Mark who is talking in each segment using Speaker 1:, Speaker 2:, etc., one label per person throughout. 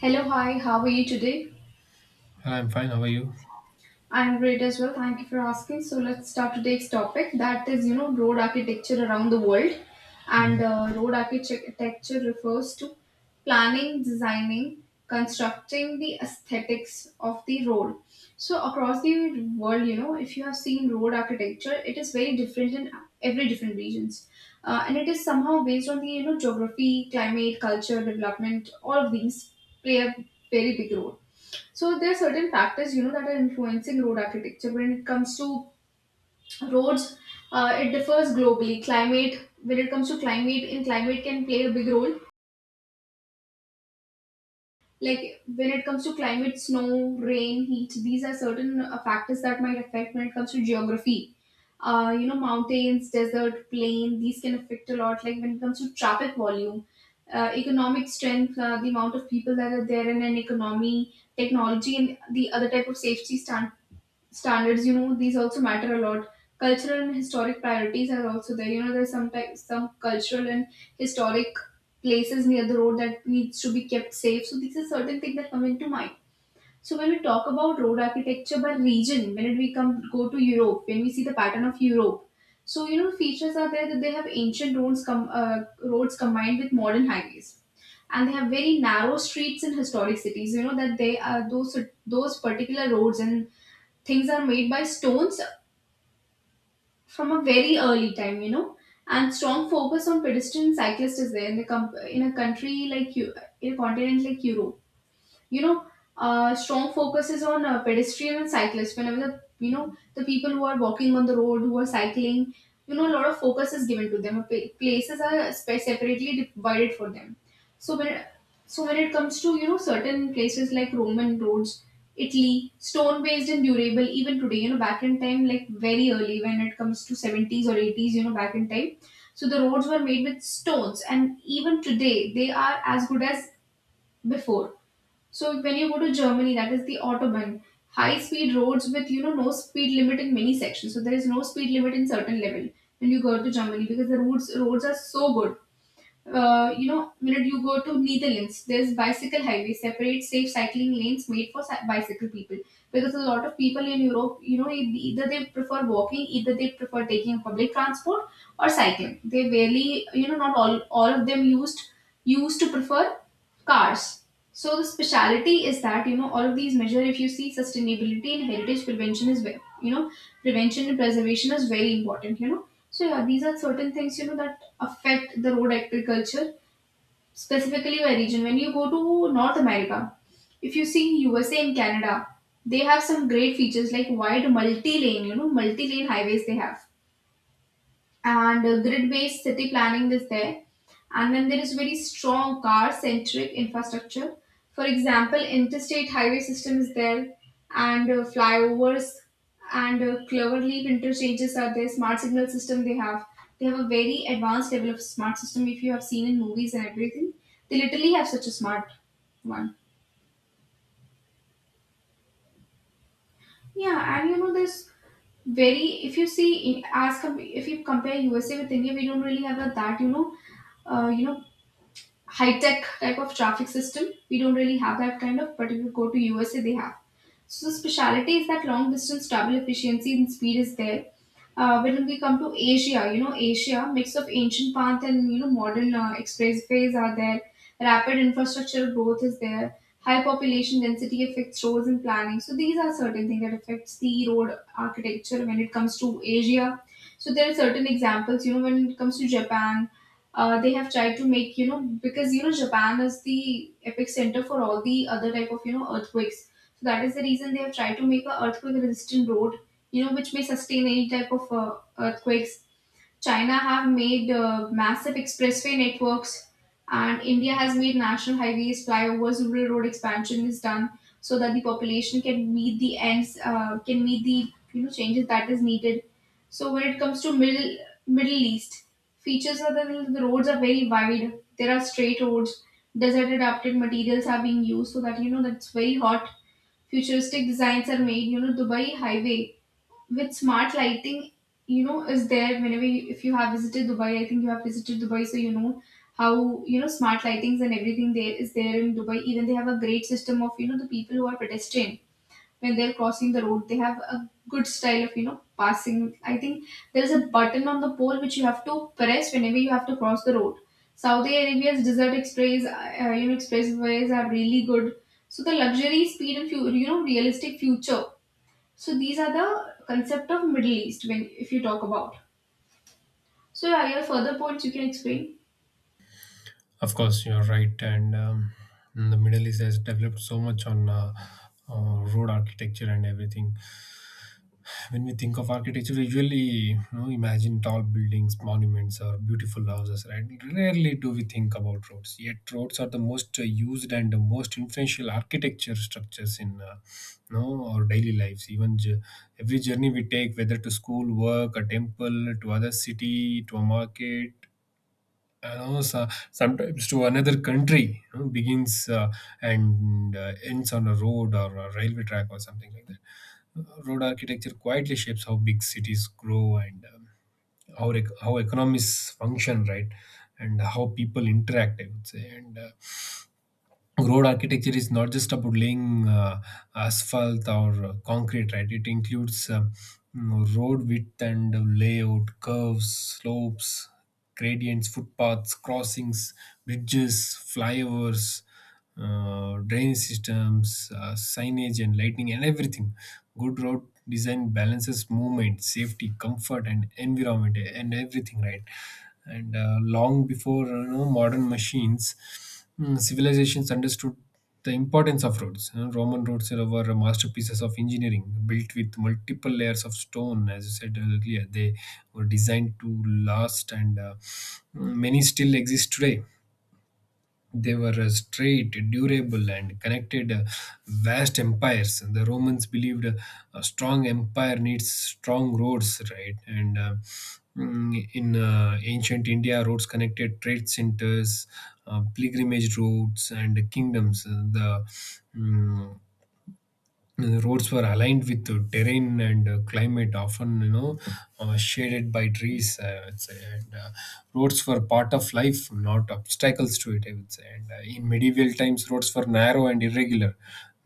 Speaker 1: Hello, hi, how are you today?
Speaker 2: I'm fine. How are you?
Speaker 1: I'm great as well. Thank you for asking. So let's start today's topic that is road architecture around the world. And
Speaker 2: Mhm.
Speaker 1: uh, road architecture refers to planning, designing, constructing the aesthetics of the road. So across the world, if you have seen road architecture, it is very different in every different regions. And it is somehow based on the geography, climate, culture, development, all of these play a very big role. So there are certain factors that are influencing road architecture. When it comes to roads, it differs globally. Climate, when it comes to climate, in climate can play a big role. Like when it comes to climate, snow, rain, heat, these are certain factors that might affect. When it comes to geography, mountains, desert, plain, these can affect a lot. Like when it comes to traffic volume. Economic strength, the amount of people that are there in an economy, technology, and the other type of safety standards these also matter a lot. Cultural and historic priorities are also there. There's sometimes some cultural and historic places near the road that needs to be kept safe, so these are certain things that come into mind. So when we talk about road architecture by region, when we come go to Europe, when we see the pattern of Europe, so features are there that they have ancient roads roads combined with modern highways, and they have very narrow streets in historic cities, that they are those particular roads, and things are made by stones from a very early time. And strong focus on pedestrian cyclists is there in a continent like Europe you know strong focus is on pedestrian and cyclists, whenever the you know the people who are walking on the road, who are cycling, a lot of focus is given to them. Places are separately divided for them. So when so when it comes to certain places like Roman roads, Italy, stone based and durable even today, back in time, like very early, when it comes to 70s or 80s, back in time, so the roads were made with stones and even today they are as good as before. So when you go to Germany, that is the autobahn, high-speed roads with no speed limit in many sections. So there is no speed limit in certain level when you go to Germany, because the roads are so good. Minute you go to Netherlands, there's bicycle highway, separate safe cycling lanes made for bicycle people. Because a lot of people in Europe, either they prefer walking, either they prefer taking public transport or cycling. They barely, not all of them used to prefer cars. So the speciality is that all of these measures, if you see, sustainability and heritage prevention is prevention and preservation is very important. So yeah, these are certain things that affect the road agriculture, specifically my region. When you go to North America, if you see USA and Canada, they have some great features like wide multi-lane highways they have, and grid-based city planning is there, and then there is very strong car-centric infrastructure. For example, interstate highway system is there, and flyovers and clover interchanges are there, smart signal system they have. They have a very advanced level of smart system. If you have seen in movies and everything, they literally have such a smart one. Yeah, and this, very if you see, if you compare USA with India, we don't really have a, that uh, you know high tech type of traffic system. We don't really have that kind of, but if you go to USA, they have. So the speciality is that long distance travel efficiency and speed is there. When we come to Asia, Asia mix of ancient path and modern expressways are there. Rapid infrastructural growth is there. High population density affects roads and planning. So these are certain things that affects the road architecture when it comes to Asia. So there are certain examples, when it comes to Japan, they have tried to make, because Japan is the epicenter for all the other type of earthquakes, so that is the reason they have tried to make a earthquake resistant road which may sustain any type of earthquakes. China have made massive expressway networks, and India has made national highways, flyovers, rural road expansion is done so that the population can meet the ends, can meet the changes that is needed. So when it comes to Middle East, features are that the roads are very wide. There are straight roads. Desert adapted materials are being used, so that's very hot. Futuristic designs are made. Dubai highway with smart lighting is there. Whenever if you have visited Dubai, I think you have visited Dubai, so how you know smart lightings and everything there is there in Dubai. Even they have a great system of the people who are pedestrian. When they're crossing the road, they have a good style of passing. I think there's a button on the pole which you have to press whenever you have to cross the road. Saudi Arabia's desert express expressways are really good. So the luxury, speed, and realistic future, so these are the concept of Middle East when if you talk about. So are your further points you can explain?
Speaker 2: Of course, you're right. And The Middle East has developed so much on road architecture and everything. When we think of architecture, we usually, you know, imagine tall buildings, monuments, or beautiful houses, right? Rarely do we think about roads. Yet, roads are the most used and the most influential architecture structures in you know, our daily lives. Every journey we take, whether to school, work, a temple, to other city, to a market, you know, so sometimes to another country, you know, begins and ends on a road or a railway track or something like that. Road architecture quietly shapes how big cities grow, and how economies function, right, and how people interact, I would say. And Road architecture is not just about laying asphalt or concrete. Right, it includes road width and layout, curves, slopes, gradients, footpaths, crossings, bridges, flyovers, drainage systems, signage and lighting and everything. Good road design balances movement, safety, comfort, and environment and everything, right? and Long before, you know, modern machines, civilizations understood the importance of roads. Roman roads are, were masterpieces of engineering, built with multiple layers of stone. As you said earlier, they were designed to last, and many still exist today. They were straight, durable, and connected vast empires. The Romans believed a strong empire needs strong roads, right? In ancient India, roads connected trade centers, pilgrimage routes, and kingdoms. Mm, the roads were aligned with the terrain and climate, often, you know, shaded by trees, I would say. And Roads were part of life, not obstacles to it, I would say. And In medieval times, roads were narrow and irregular.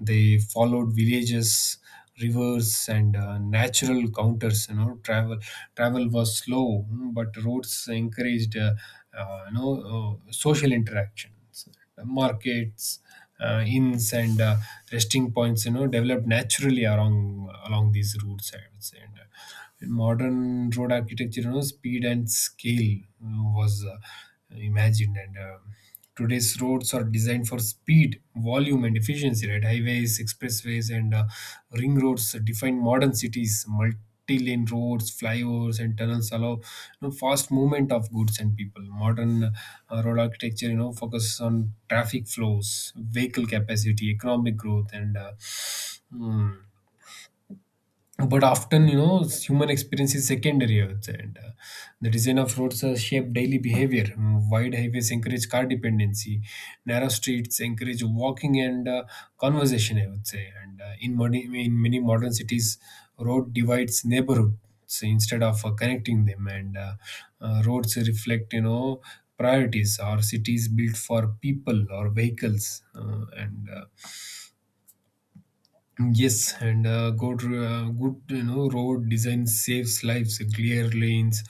Speaker 2: They followed villages, rivers, and natural counters. You know, travel was slow, but roads encouraged you know, social interactions, markets, inns, and resting points, you know, developed naturally along these routes, I would say. And In modern road architecture, you know, speed and scale was imagined, and today's roads are designed for speed, volume, and efficiency. Right, highways, expressways, and ring roads define modern cities. Multi lane roads, flyovers, and tunnels allow, you know, fast movement of goods and people. Modern road architecture, you know, focuses on traffic flows, vehicle capacity, economic growth, and mm, but often, you know, human experience is secondary, I would say. And The design of roads shape daily behavior. Wide highways encourage car dependency, narrow streets encourage walking and conversation, I would say. And in many In many modern cities, road divides neighborhoods instead of connecting them, and roads reflect, you know, priorities or cities built for people or vehicles, and yes. Good, you know, road design saves lives. Clear lanes,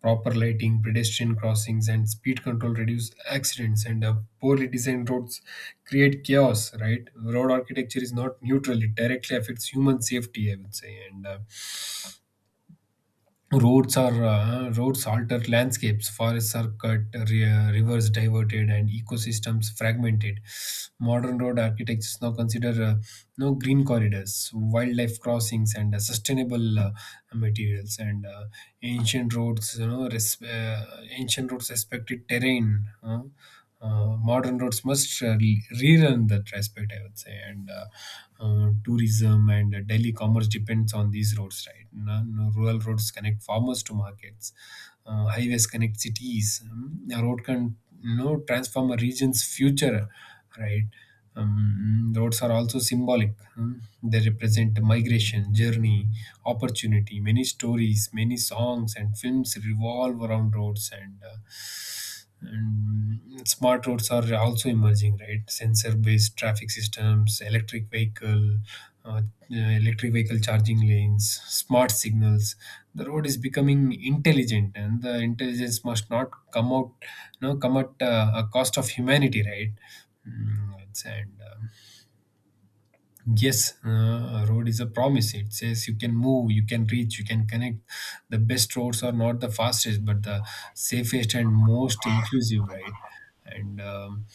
Speaker 2: proper lighting, pedestrian crossings, and speed control reduce accidents. And Poorly designed roads create chaos, right? Road architecture is not neutral; it directly affects human safety, I would say. And roads are Roads alter landscapes. Forests are cut, rivers diverted, and ecosystems fragmented. Modern road architectures now consider no green corridors, wildlife crossings, and sustainable materials. And ancient roads, you know, res- Ancient roads respected terrain. Modern roads must rerun that respect, I would say. And Tourism and daily commerce depends on these roads, right? No, no, Rural roads connect farmers to markets. Highways connect cities. A road can, you know, transform a region's future, right? Um, roads are also symbolic. Hmm. They represent migration, journey, opportunity. Many stories, many songs, and films revolve around roads, and smart roads are also emerging, right? Sensor based traffic systems, electric vehicle. Uh, Electric vehicle charging lanes, smart signals. The road is becoming intelligent, and the intelligence must not come out, no, come at a cost of humanity, right? Mm, it's- and uh, Yes, a road is a promise. It says you can move, you can reach, you can connect. The best roads are not the fastest, but the safest and most inclusive, right? And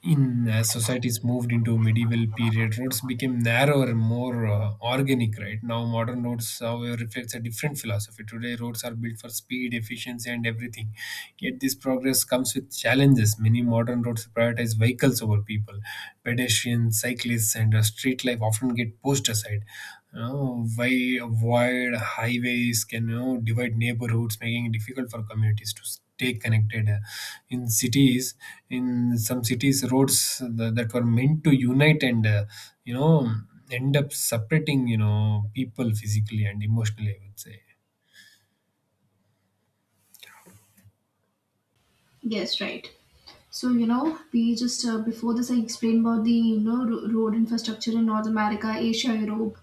Speaker 2: In as societies moved into medieval period, roads became narrower and more organic. Right, now modern roads however reflects a different philosophy. Today roads are built for speed, efficiency, and everything, yet this progress comes with challenges. Many modern roads prioritize vehicles over people. Pedestrians, cyclists, and street life often get pushed aside. You know, wide highways can, you know, divide neighborhoods, making it difficult for communities to stay connected. Uh, in cities in some cities, roads that were meant to unite and, you know, end up separating, you know, people physically and emotionally, I would say.
Speaker 1: Yes, right. So we just before this, I explained about the road infrastructure in North America, Asia, Europe,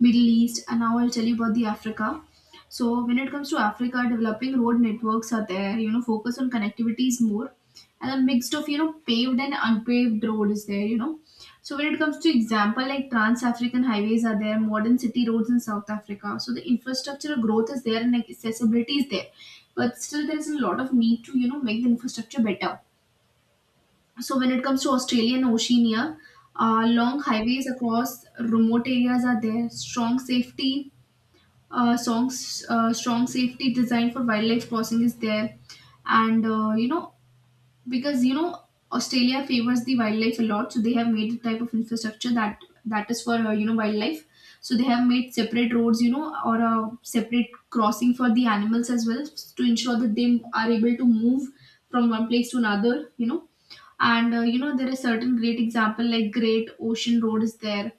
Speaker 1: Middle East, and now I'll tell you about the Africa. So, when it comes to Africa, developing road networks are there. Focus on connectivity is more, and a mixed of paved and unpaved road is there. So when it comes to example like Trans-African highways are there, modern city roads in South Africa. So the infrastructural growth is there and accessibility is there, but still there is a lot of need to make the infrastructure better. So when it comes to Australia and Oceania, long highways across remote areas are there, strong safety design for wildlife crossing is there. And because Australia favors the wildlife a lot, so they have made the type of infrastructure that is for wildlife. So they have made separate roads, or a separate crossing for the animals as well, to ensure that they are able to move from one place to another. And there is certain great example like Great Ocean Road is there,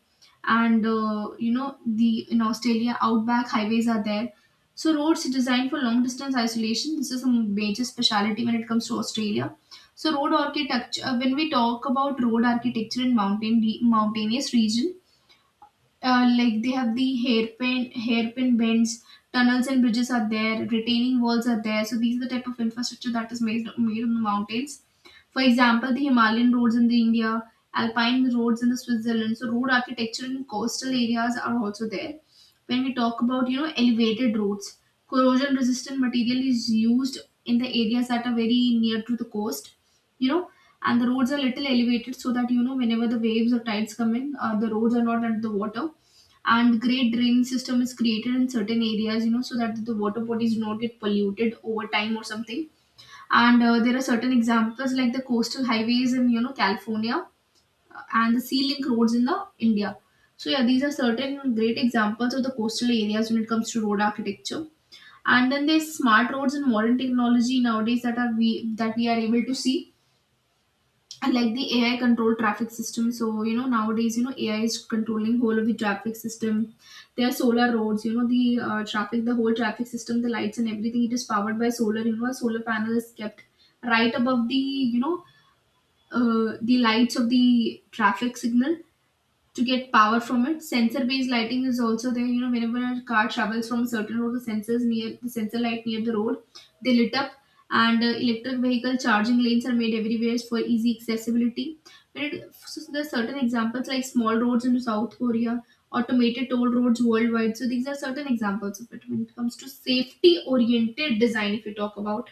Speaker 1: and you know the in Australia outback highways are there. So roads designed for long distance isolation. This is a major speciality when it comes to Australia. So road architecture, when we talk about road architecture in mountainous region, like they have the hairpin bends, tunnels and bridges are there, retaining walls are there. So these are the type of infrastructure that is made on the mountains. For example, the Himalayan roads in the India, alpine roads in the Switzerland. So road architecture in coastal areas are also there. When we talk about elevated roads, corrosion resistant material is used in the areas that are very near to the coast you know and the roads are little elevated so that whenever the waves or tides come in, the roads are not under the water. And great drainage system is created in certain areas, so that the water bodies do not get polluted over time or something. And there are certain examples like the coastal highways in California, and the sea link roads in the India. So yeah, these are certain great examples of the coastal areas when it comes to road architecture. And then there's smart roads and modern technology nowadays that we are able to see, and like the AI controlled traffic system. So nowadays, AI is controlling whole of the traffic system. There are solar roads. The whole traffic system, the lights and everything. It is powered by solar. You know, a solar panel is kept right above the you know the lights of the traffic signal to get power from it. Sensor based lighting is also there. You know, whenever a car travels from a certain road, the sensors near the sensor light near the road, they lit up, and electric vehicle charging lanes are made everywhere for easy accessibility. When it, so so there are certain examples like small roads in South Korea, automated toll roads worldwide. So these are certain examples of it. When it comes to safety oriented design, if you talk about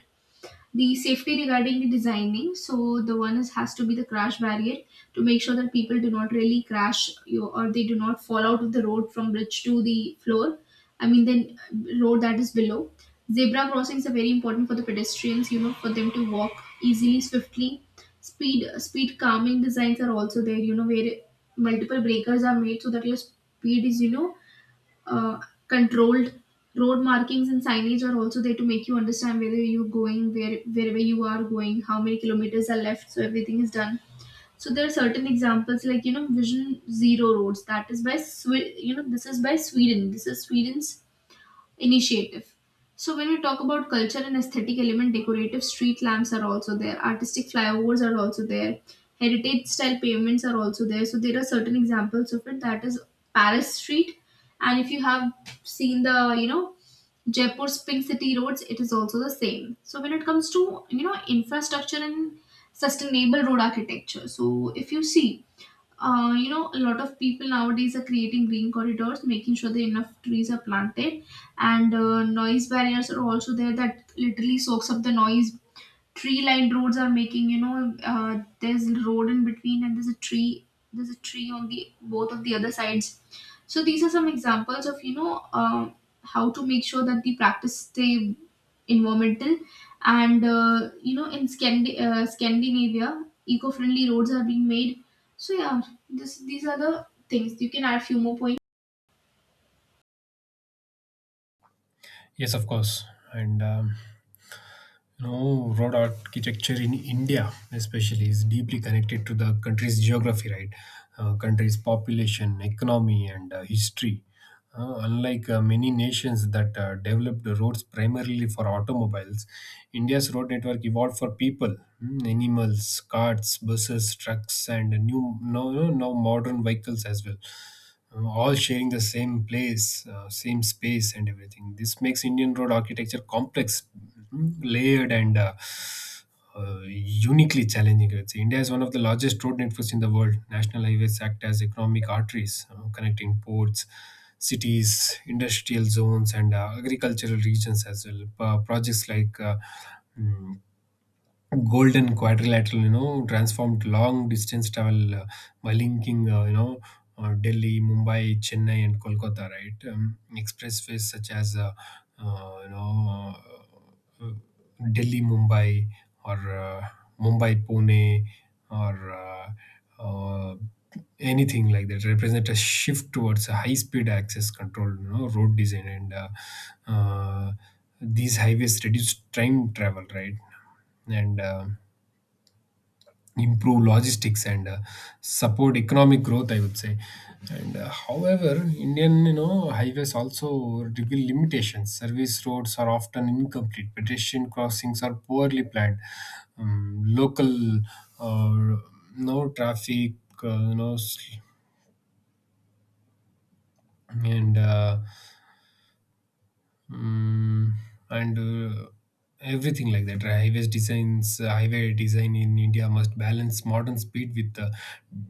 Speaker 1: the safety regarding the designing, so the one is has to be the crash barrier to make sure that people do not really crash you or they do not fall out of the road from bridge to the floor. I mean the road that is below. Zebra crossings are very important for the pedestrians, you know, for them to walk easily, swiftly. Speed calming designs are also there, you know, where multiple breakers are made so that your speed is, uh, controlled. Road markings and signage are also there to make you understand whether you're going wherever you are going, how many kilometers are left, so everything is done. So there are certain examples like, you know, vision zero roads. That is by this is by Sweden. This is Sweden's initiative. So when we talk about culture and aesthetic element, decorative street lamps are also there, artistic flyovers are also there, heritage style pavements are also there. So there are certain examples of it. That is Paris Street, and if you have seen the, you know, Jaipur's Pink City roads, it is also the same. So when it comes to, you know, infrastructure and sustainable road architecture, so if you see, you know, a lot of people nowadays are creating green corridors, making sure that enough trees are planted, and noise barriers are also there that literally soaks up the noise. Tree lined roads are making, you know, there's a road in between and there's a tree, there's a tree on the both of the other sides. So these are some examples of, you know, how to make sure that the practice stay environmental. And you know, in Scandinavia, eco-friendly roads are being made. So yeah, this these are the things. You can add a few more points.
Speaker 2: Yes, of course. And You know, road architecture in India, especially, is deeply connected to the country's geography, right? Country's population, economy, and history. Unlike many nations that developed roads primarily for automobiles, India's road network evolved for people, animals, carts, buses, trucks, and now modern vehicles as well, all sharing the same place, same space, and everything. This makes Indian road architecture complex, layered, and uniquely challenging, I would say. India is one of the largest road networks in the world. National highways act as economic arteries, connecting ports, cities, industrial zones, and agricultural regions as well. Projects like mm, golden quadrilateral, you know, transformed long distance travel by linking, Delhi, Mumbai, Chennai, and Kolkata, right? Expressways such as, uh, you know, uh, Delhi Mumbai, or Mumbai Pune, or uh, anything like that, represent a shift towards a high speed access control, you know, road design, and uh, these highways reduce time travel, right, and improve logistics and support economic growth, I would say. And uh, however Indian, you know, highways also reveal limitations. Service roads are often incomplete, pedestrian crossings are poorly planned, local uh, no traffic, you know s- and mm, and everything like that, right? Highway design in India must balance modern speed with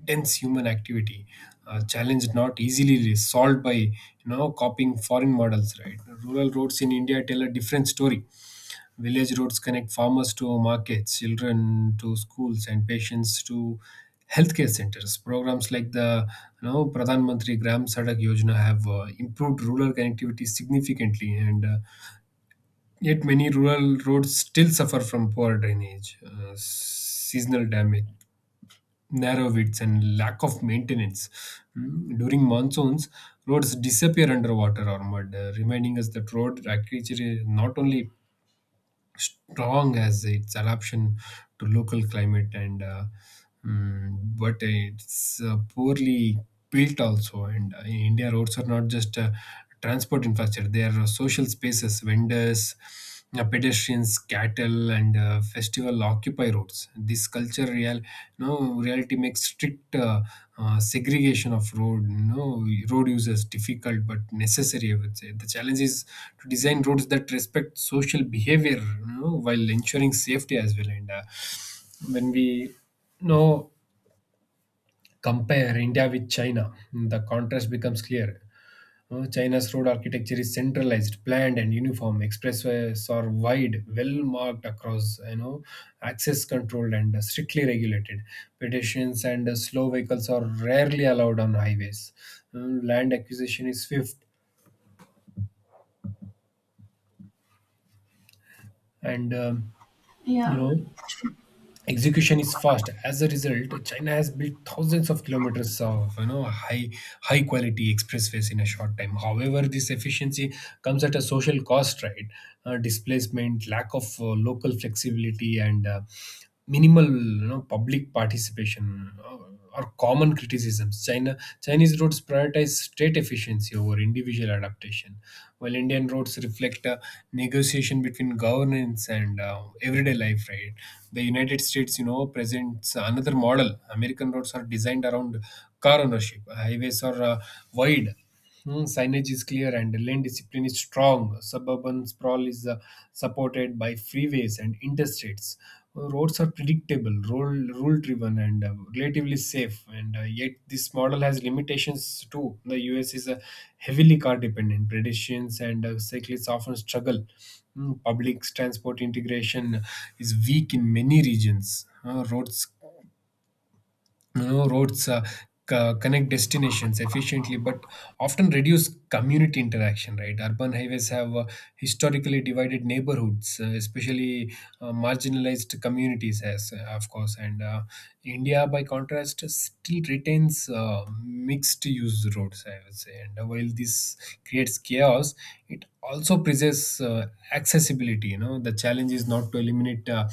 Speaker 2: dense human activity. A challenge not easily solved by, you know, copying foreign models. Right, rural roads in India tell a different story. Village roads connect farmers to markets, children to schools, and patients to healthcare centers. Programs like the, you know, Pradhan Mantri Gram Sadak Yojana have improved rural connectivity significantly, and, yet many rural roads still suffer from poor drainage, seasonal damage, narrow widths, and lack of maintenance. During monsoons, roads disappear under water or mud, reminding us that road agriculture is not only strong as its adaptation to local climate, and but it's poorly built also. And uh, in India, roads are not just transport infrastructure. They are social spaces. Vendors, pedestrians, cattle, and festival occupiers roads. This culture real, no reality makes strict segregation of road, no road users difficult but necessary, I would say. The challenge is to design roads that respect social behavior, you know, while ensuring safety as well. And When we, you know, compare India with China, the contrast becomes clear. China's road architecture is centralized, planned, and uniform. Expressways are wide, well marked across, you know, access controlled and strictly regulated. Pedestrians and slow vehicles are rarely allowed on highways. Land acquisition is swift, and you
Speaker 1: Yeah.
Speaker 2: know, execution is fast. As a result, china has built thousands of kilometers of, you know, high quality expressways in a short time. However, this efficiency comes at a social cost, right? Displacement, lack of local flexibility, and minimal, you know, public participation, uh, are common criticisms. China Chinese roads prioritize state efficiency over individual adaptation, while Indian roads reflect a negotiation between governance and everyday life, right? The United States, you know, presents another model. American roads are designed around car ownership. Highways are wide, signage is clear, and lane discipline is strong. Suburban sprawl is supported by freeways and interstates. Roads are predictable, rule driven, and relatively safe. And Yet, this model has limitations too. The US is a heavily car dependent. Pedestrians and cyclists often struggle. Public transport integration is weak in many regions. Roads you know roads co- connect destinations efficiently but often reduce community interaction, right? Urban highways have historically divided neighborhoods, especially marginalized communities, as of course. And uh, india by contrast still retains mixed use roads, I would say. And While this creates chaos, it also presents accessibility. The challenge is not to eliminate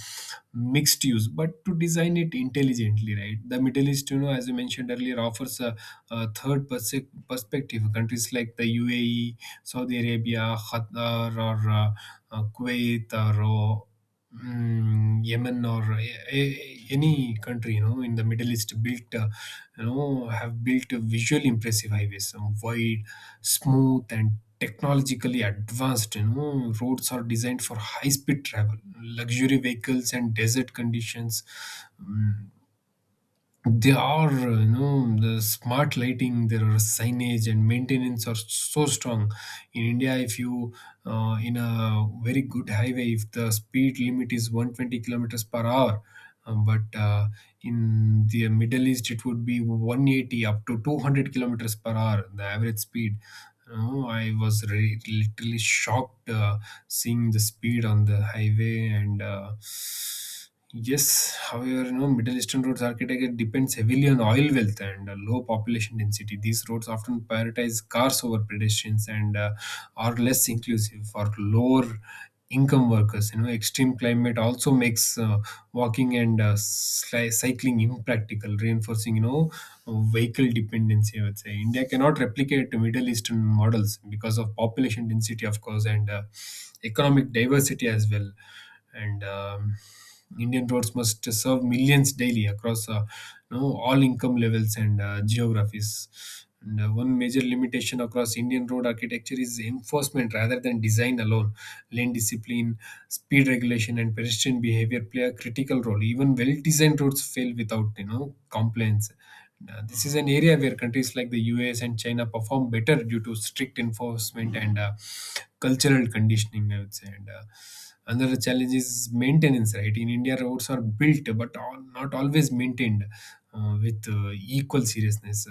Speaker 2: mixed use but to design it intelligently, right? The Middle East, as you mentioned earlier, offers a third perspective. Countries like the UAE, Saudi Arabia, Qatar, or Kuwait, or Yemen, or a- a- any country in the Middle East built you know have built a visually impressive highways, some wide, smooth, and technologically advanced. Roads are designed for high speed travel, luxury vehicles, and desert conditions. Mm, they are, the smart lighting, there are signage and maintenance are so strong. In India, if you, in a very good highway, if the speed limit is 120 kilometers per hour, but in the Middle East, it would be 180 up to 200 kilometers per hour, the average speed. Oh, I was literally shocked seeing the speed on the highway. And Yes, however, Middle Eastern roads architecture depends heavily on oil wealth and low population density. These roads often prioritize cars over pedestrians and are less inclusive for lower income workers. You know, extreme climate also makes walking and cycling impractical, reinforcing vehicle dependency. I would say India cannot replicate Middle Eastern models because of population density, of course, and economic diversity as well. And Indian roads must serve millions daily across all income levels and geographies. And one major limitation across Indian road architecture is enforcement rather than design alone. Lane discipline, speed regulation, and pedestrian behavior play a critical role. Even well-designed roads fail without compliance. This is an area where countries like the US and China perform better due to strict enforcement and cultural conditioning, I would say. And Another challenge is maintenance, right? In India, roads are built but all, not always maintained with equal seriousness.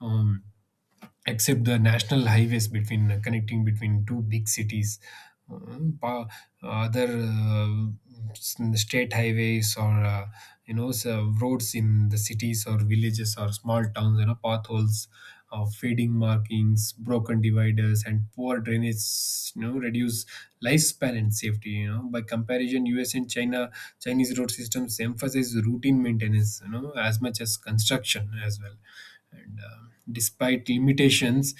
Speaker 2: Except the national highways between connecting between two big cities, um, pa- other uh, state highways, or so roads in the cities or villages or small towns, potholes, fading markings, broken dividers, and poor drainage, reduce lifespan and safety. By comparison, us and china chinese road systems emphasize routine maintenance, as much as construction as well. And Despite limitations,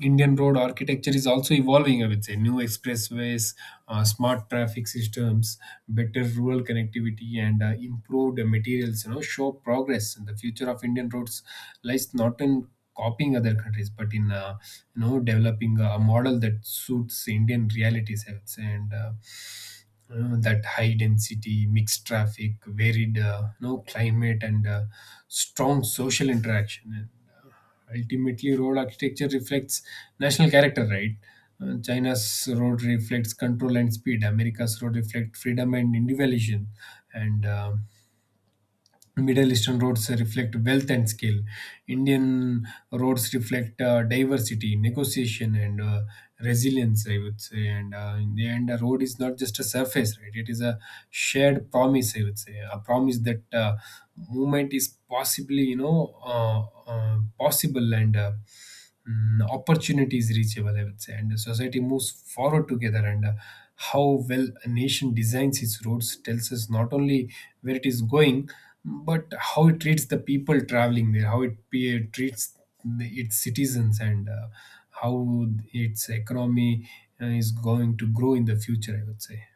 Speaker 2: Indian road architecture is also evolving, I would say. New expressways, smart traffic systems, better rural connectivity, and improved materials, you know, show progress. And the future of Indian roads lies not in copying other countries, but in, developing a model that suits Indian realities, I would say. And That high density, mixed traffic, varied climate, and strong social interaction. And ultimately, road architecture reflects national character, right? China's road reflects control and speed. America's road reflect freedom and individualism. And Middle Eastern roads reflect wealth and scale. Indian roads reflect diversity, negotiation, and resilience, I would say. And in the end, a road is not just a surface, right? It is a shared promise, I would say. A promise that movement is possible, and opportunity is reachable, I would say, and society moves forward together. And How well a nation designs its roads tells us not only where it is going, but how it treats the people traveling there, how it treats its citizens, and how its economy is going to grow in the future, I would say.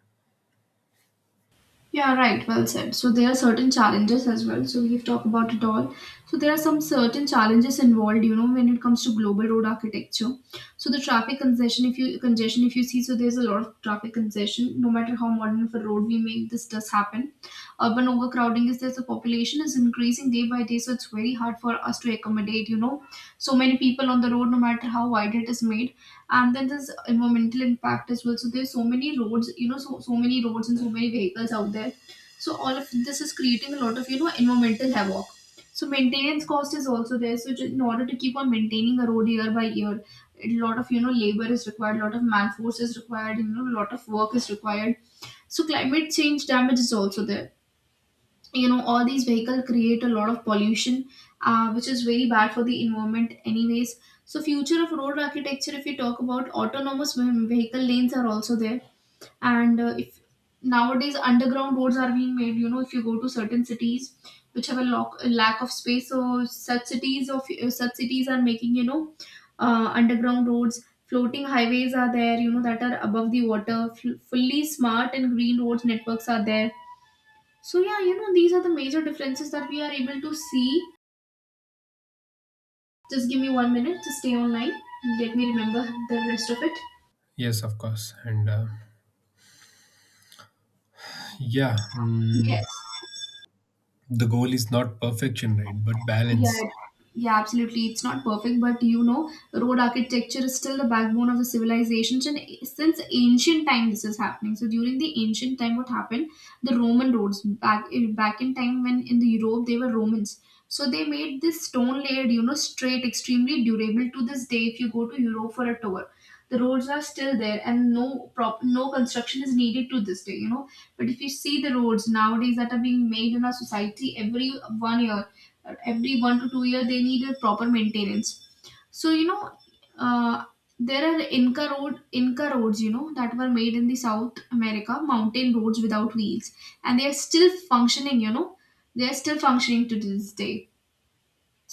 Speaker 1: Yeah, right. Well said. So there are certain challenges as well. So we've talked about it all. So there are some certain challenges involved, you know, when it comes to global road architecture. So the traffic congestion, if you see, so there's a lot of traffic congestion. No matter how modern of a road we make, this does happen. Urban overcrowding is there. The population is increasing day by day, so it's very hard for us to accommodate, you know, so many people on the road, no matter how wide it is made. And then there's environmental impact as well. So there's so many roads, you know, so many roads and so many vehicles out there. So all of this is creating a lot of, you know, environmental havoc. So maintenance cost is also there. So in order to keep on maintaining a road year by year, a lot of, you know, labor is required, a lot of man force is required, you know, a lot of work is required. So climate change damage is also there. You know, all these vehicles create a lot of pollution, which is very bad for the environment anyways. So future of road architecture, if you talk about, autonomous vehicle lanes are also there. And if, nowadays, underground roads are being made. You know, if you go to certain cities which have a a lack of space, so such cities are making, you know, underground roads. Floating highways are there, you know, that are above the water. Fully smart and green roads networks are there. So yeah, you know, these are the major differences that we are able to see. Just give me one minute to stay online. Let me remember the rest of it.
Speaker 2: Yes, of course. Yeah,
Speaker 1: Yes.
Speaker 2: mm, the goal is not perfection, right? But
Speaker 1: Yeah,
Speaker 2: balance.
Speaker 1: yeah, absolutely. It's not perfect, but you know, road architecture is still the backbone of the civilizations, and since ancient time, this is happening. So during the ancient time, what happened? The Roman roads, back in time when in the Europe they were Romans. So they made this stone layered, you know, straight, extremely durable. To this day, if you go to Europe for a tour, the roads are still there, and no construction is needed to this day. You know, but if you see the roads nowadays that are being made in our society every 1 year, every 1 to 2 year, they need a proper maintenance. So you know, uh, there are inca roads, you know, that were made in the south America, mountain roads without wheels, and they are still functioning, you know, they are still functioning to this day.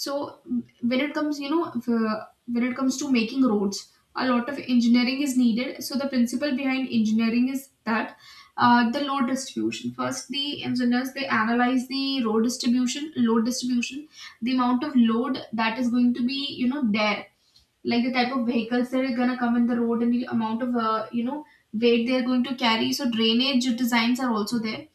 Speaker 1: So when it comes, when it comes to making roads, a lot of engineering is needed. So the principle behind engineering is that, the load distribution. First the engineers, they analyze the road distribution load distribution, the amount of load that is going to be, you know, there, like the type of vehicles that are gonna come in the road and the amount of you know, weight they're going to carry. So drainage designs are also there,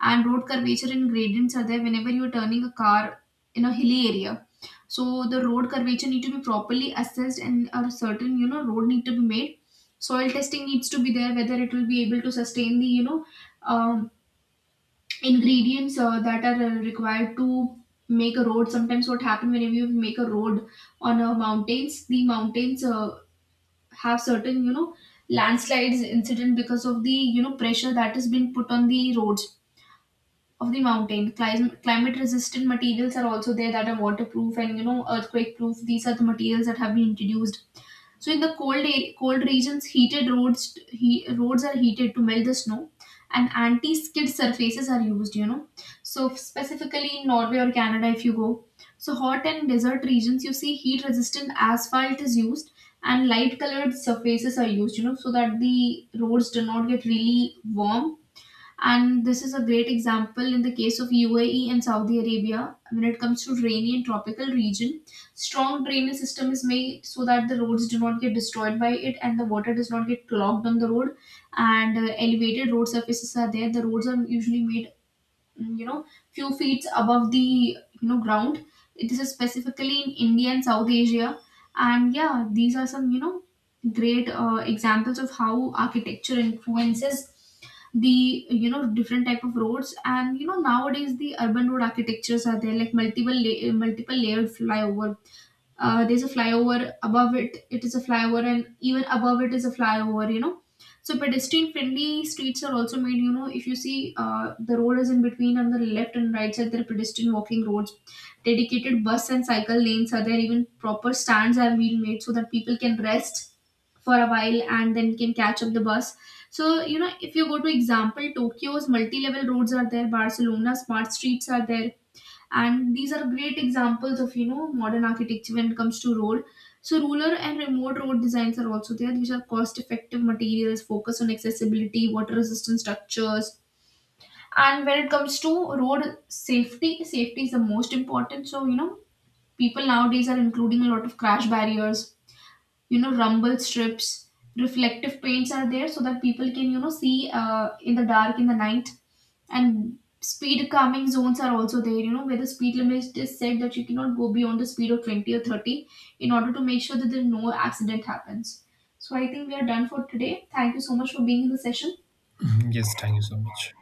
Speaker 1: and road curvature and gradients are there whenever you're turning a car in a hilly area. So the road curvature need to be properly assessed, and a certain, you know, road need to be made. Soil testing needs to be there whether it will be able to sustain the, you know, um, ingredients that are required to make a road. Sometimes what happen, whenever you make a road on a mountains, the mountains have certain, you know, landslides incident because of the, you know, pressure that is being put on the roads of the mountain. Climate resistant materials are also there that are waterproof and, you know, earthquake proof. These are the materials that have been introduced. So in the cold cold regions, heated roads, roads are heated to melt the snow, and anti-skid surfaces are used. You know, so specifically in Norway or Canada, if you go. So hot and desert regions, you see heat-resistant asphalt is used and light-colored surfaces are used. You know, so that the roads do not get really warm. And this is a great example in the case of UAE and Saudi Arabia. When it comes to rainy and tropical region, strong drainage system is made so that the roads do not get destroyed by it and the water does not get clogged on the road. And elevated road surfaces are there. The roads are usually made, you know, few feet above the, you know, ground. This is specifically in India and South Asia. And yeah, these are some, you know, great examples of how architecture influences the, you know, different type of roads. And you know, nowadays the urban road architectures are there, like multiple multiple layered flyover. There's a flyover above it, it is a flyover, and even above it is a flyover, you know. So pedestrian friendly streets are also made. You know, if you see, the road is in between, on the left and right side there are pedestrian walking roads. Dedicated bus and cycle lanes are there, even proper stands are been made so that people can rest for a while and then can catch up the bus. So you know, if you go to example, Tokyo's multi-level roads are there, Barcelona smart streets are there, and these are great examples of, you know, modern architecture when it comes to road. So rural and remote road designs are also there, which are cost effective materials, focus on accessibility, water resistant structures. And when it comes to road safety, safety is the most important. So you know, people nowadays are including a lot of crash barriers, you know, rumble strips, reflective paints are there so that people can, you know, see in the dark, in the night. And speed calming zones are also there, you know, where the speed limit is set, that you cannot go beyond the speed of 20 or 30 in order to make sure that there no accident happens. So I think we are done for today. Thank you so much for being in the session.
Speaker 2: Yes, thank you so much.